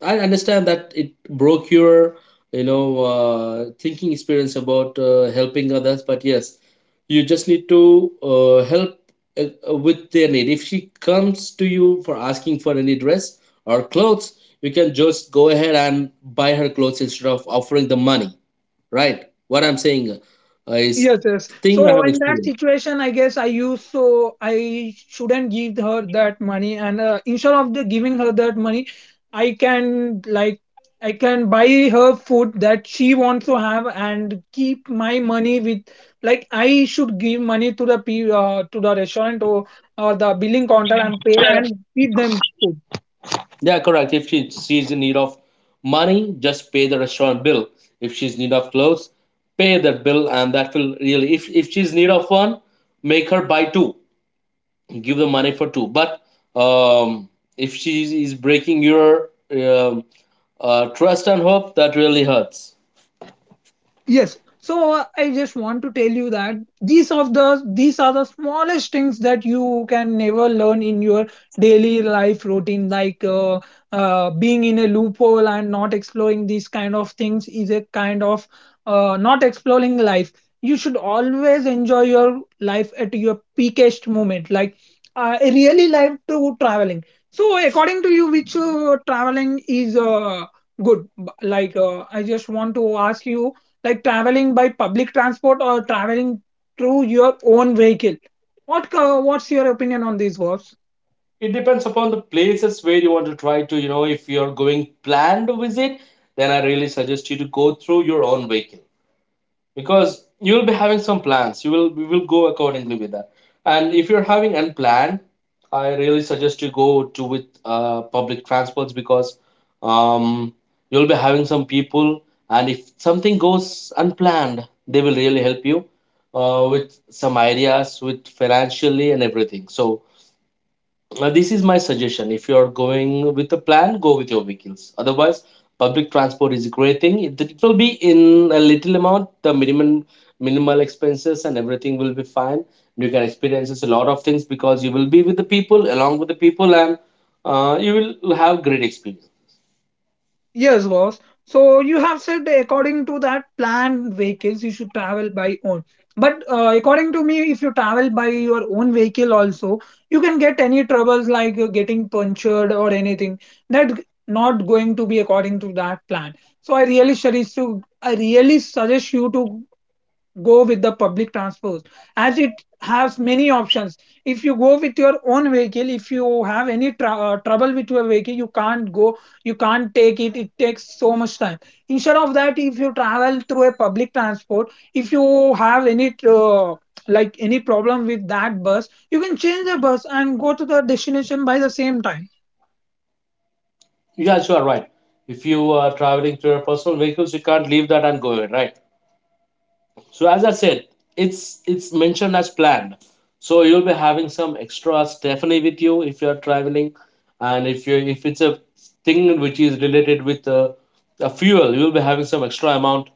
I understand that it broke your, thinking experience about helping others, but yes, you just need to help, with their need. If she comes to you for asking for any dress or clothes, you can just go ahead and buy her clothes instead of offering the money, right? What I'm saying, is,
Yes, yes.
thing I
So
have
in that
experienced.
situation, I guess, I use so I shouldn't give her that money, and instead of the giving her that money, I can like, I can buy her food that she wants to have and keep my money with. Like, I should give money to the pe to the restaurant, or the billing counter and pay and feed them food.
Yeah, correct. If she's in need of money, just pay the restaurant bill. If she's in need of clothes, pay that bill, and that will really. If she's in need of one, make her buy two. Give the money for two. But um, if she is breaking your trust and hope, that really hurts.
Yes, so I just want to tell you that these are the smallest things that you can never learn in your daily life routine, like being in a loophole and not exploring these kind of things is a kind of not exploring life. You should always enjoy your life at your peakest moment. Like I really like to traveling. So, according to you, which traveling is good, like I just want to ask you, like, traveling by public transport or traveling through your own vehicle. What's your opinion on these, boss?
It depends upon the places where you want to try to. You know, if you're going planned visit, then I really suggest you to go through your own vehicle, because you will be having some plans, you will we will go accordingly with that. And if you're having unplanned, I really suggest you go to with public transports, because um, you'll be having some people, and if something goes unplanned, they will really help you, with some ideas, with financially and everything. So now, this is my suggestion. If you are going with a plan, go with your vehicles. Otherwise, public transport is a great thing. It will be in a little amount, the minimum minimal expenses and everything will be fine. You can experience a lot of things, because you will be with the people, along with the people, and you will have great experience.
Yes, boss. So you have said, according to that, planned vehicles you should travel by own. But according to me, if you travel by your own vehicle also, you can get any troubles, like getting punctured or anything. That not going to be according to that plan. So I really suggest you to go with the public transport, as it has many options. If you go with your own vehicle, if you have any trouble with your vehicle, you can't go, you can't take it takes so much time. Instead of that, if you travel through a public transport, if you have any like any problem with that bus, you can change the bus and go to the destination by the same time.
Yeah, sure, right. If you are traveling to your personal vehicles, you can't leave that and go away, right? So as I said, it's mentioned as planned. So you'll be having some extras definitely with you if you're traveling, and if it's a thing which is related with a fuel, you'll be having some extra amount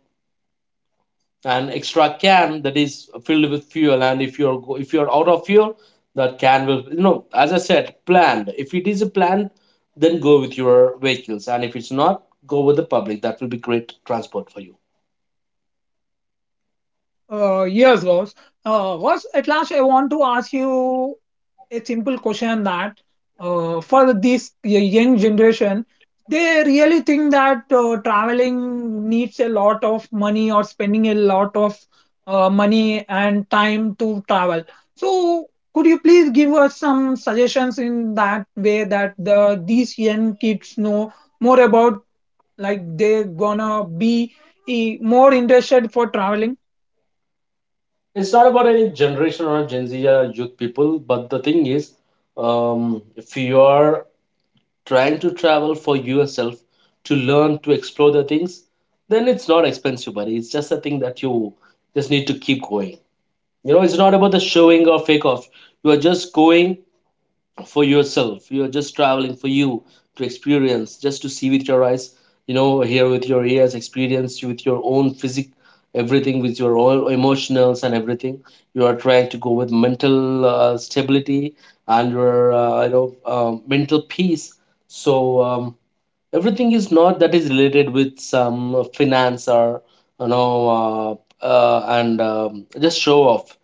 and extra can that is filled with fuel. And if if you're out of fuel, that can will, as I said planned. If it is a planned, then go with your vehicles, and if it's not, go with the public. That will be great transport for you.
Yes, boss. Boss, at last, I want to ask you a simple question, that for this young generation, they really think that traveling needs a lot of money or spending a lot of money and time to travel. So, could you please give us some suggestions in that way that these young kids know more about, like they're gonna be, more interested for traveling?
It's not about any generation or Gen Z or youth people, but the thing is, if you are trying to travel for yourself to learn to explore the things, then it's not expensive, buddy. It's just a thing that you just need to keep going. You know, it's not about the showing or fake off. You are just going for yourself, you're just traveling for you to experience, just to see with your eyes, you know, hear with your ears, experience with your own physic, everything with your own emotionals and everything. You are trying to go with mental stability and your you know, mental peace. So everything is not that is related with some finance or you know, uh, and just show off.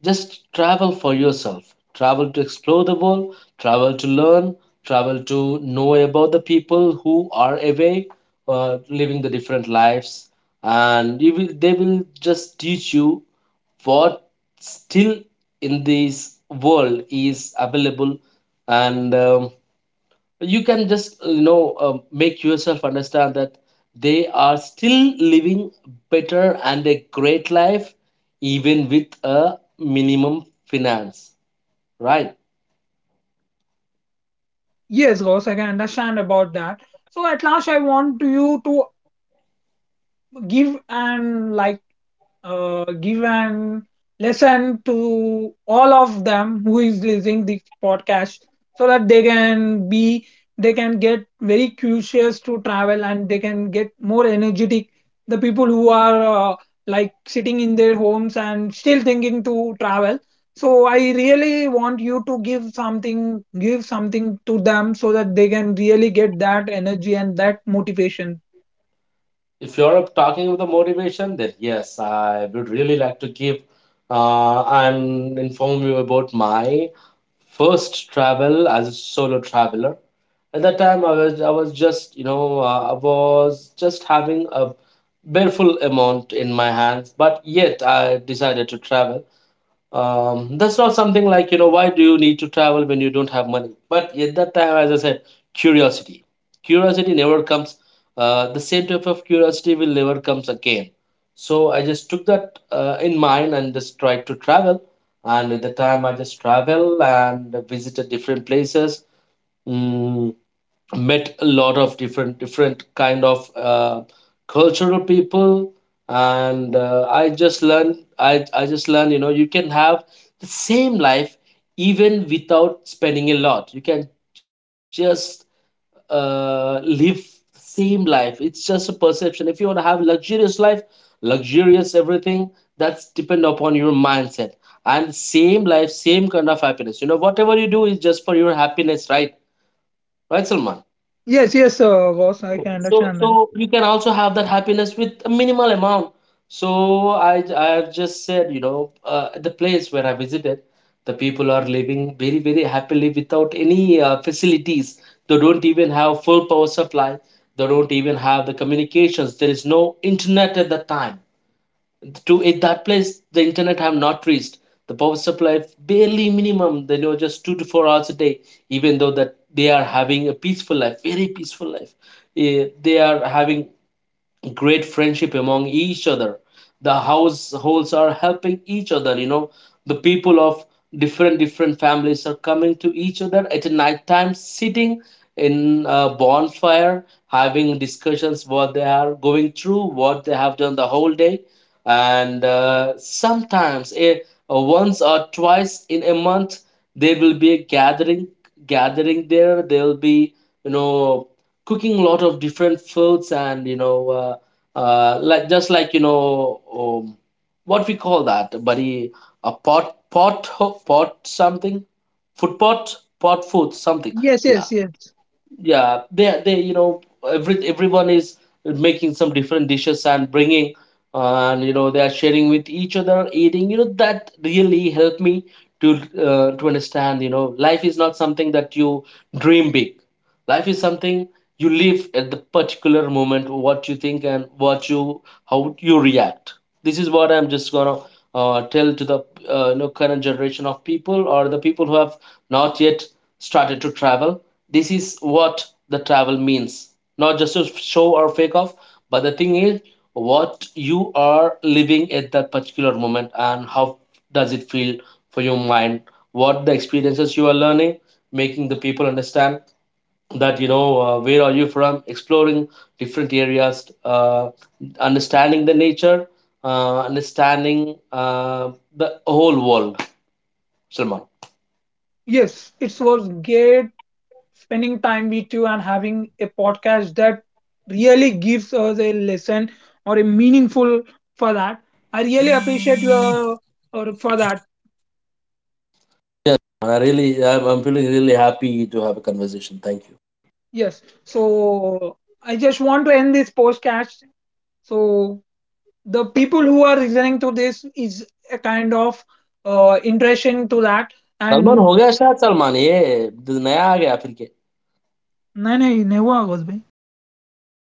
Just travel for yourself. Travel to explore the world, travel to learn, travel to know about the people who are away, living the different lives, and you will, they will just teach you what still in this world is available. And you can just, you know, make yourself understand that they are still living better and a great life even with a minimum finance, right?
Yes, boss, I can understand about that. So, at last, I want you to give and like give and listen to all of them who is listening this podcast, so that they can get very curious to travel, and they can get more energetic. The people who are like sitting in their homes and still thinking to travel, so I really want you to give something to them, so that they can really get that energy and that motivation.
If you're talking about the motivation, then yes, I would really like to give and inform you about my first travel as a solo traveler. At that time, I was just, you know, I was just having a bareful amount in my hands, but yet I decided to travel. That's not something like, you know, why do you need to travel when you don't have money? But at that time, as I said, curiosity. Curiosity never comes uh, the same type of curiosity will never comes again. So I just took that in mind and just tried to travel, and at the time I just travel and visited different places. Mm, met a lot of different different kind of cultural people. And I just learned, I just learned, you know, you can have the same life even without spending a lot. You can just live the same life. It's just a perception. If you want to have luxurious life, luxurious everything, that's depend upon your mindset. And same life, same kind of happiness, you know, whatever you do is just for your happiness, right? Right, Salman?
Yes, yes, boss, I can
so,
understand that.
so you can also have that happiness with a minimal amount. So I have just said, you know, the place where I visited, the people are living very, very happily without any facilities. They don't even have full power supply. They don't even have the communications. There is no internet at that time. To it that place the internet have not reached. The power supply barely minimum, they know, just 2 to 4 hours a day. Even though that, they are having a peaceful life, very peaceful life. They are having great friendship among each other. The households are helping each other, you know, the people of different different families are coming to each other at night time, sitting in a bonfire, having discussions what they are going through, what they have done the whole day. And sometimes once or twice in a month there will be a gathering. There will be, you know, cooking a lot of different foods, and you know, like just like, you know, what we call that, buddy? A pot, pot, pot something, food pot, pot food something.
Yes,
Yeah.
yes, yes.
Yeah, they you know, everyone is making some different dishes and bringing, and you know, they are sharing with each other, eating, you know, that really helped me to to understand, you know, life is not something that you dream big. Life is something you live at the particular moment, what you think and what you, how you react. This is what I'm just gonna tell to the you know, current generation of people, or the people who have not yet started to travel. This is what the travel means. Not just to show or fake off, but the thing is what you are living at that particular moment, and how does it feel for your mind. What the experiences you are learning, making the people understand that, you know, where are you from, exploring different areas, understanding the nature, understanding the whole world. Salman.
Yes, it was great spending time with you and having a podcast that really gives us a lesson or a meaningful for that. I really appreciate your or for that. Yes. So, I just want to end this podcast. So, the people who are listening to this is a kind of impression to that.
Salman
And
हो गया शायद, सलमान ये the नया आ गया फिर के।
no, no, never was.
अरे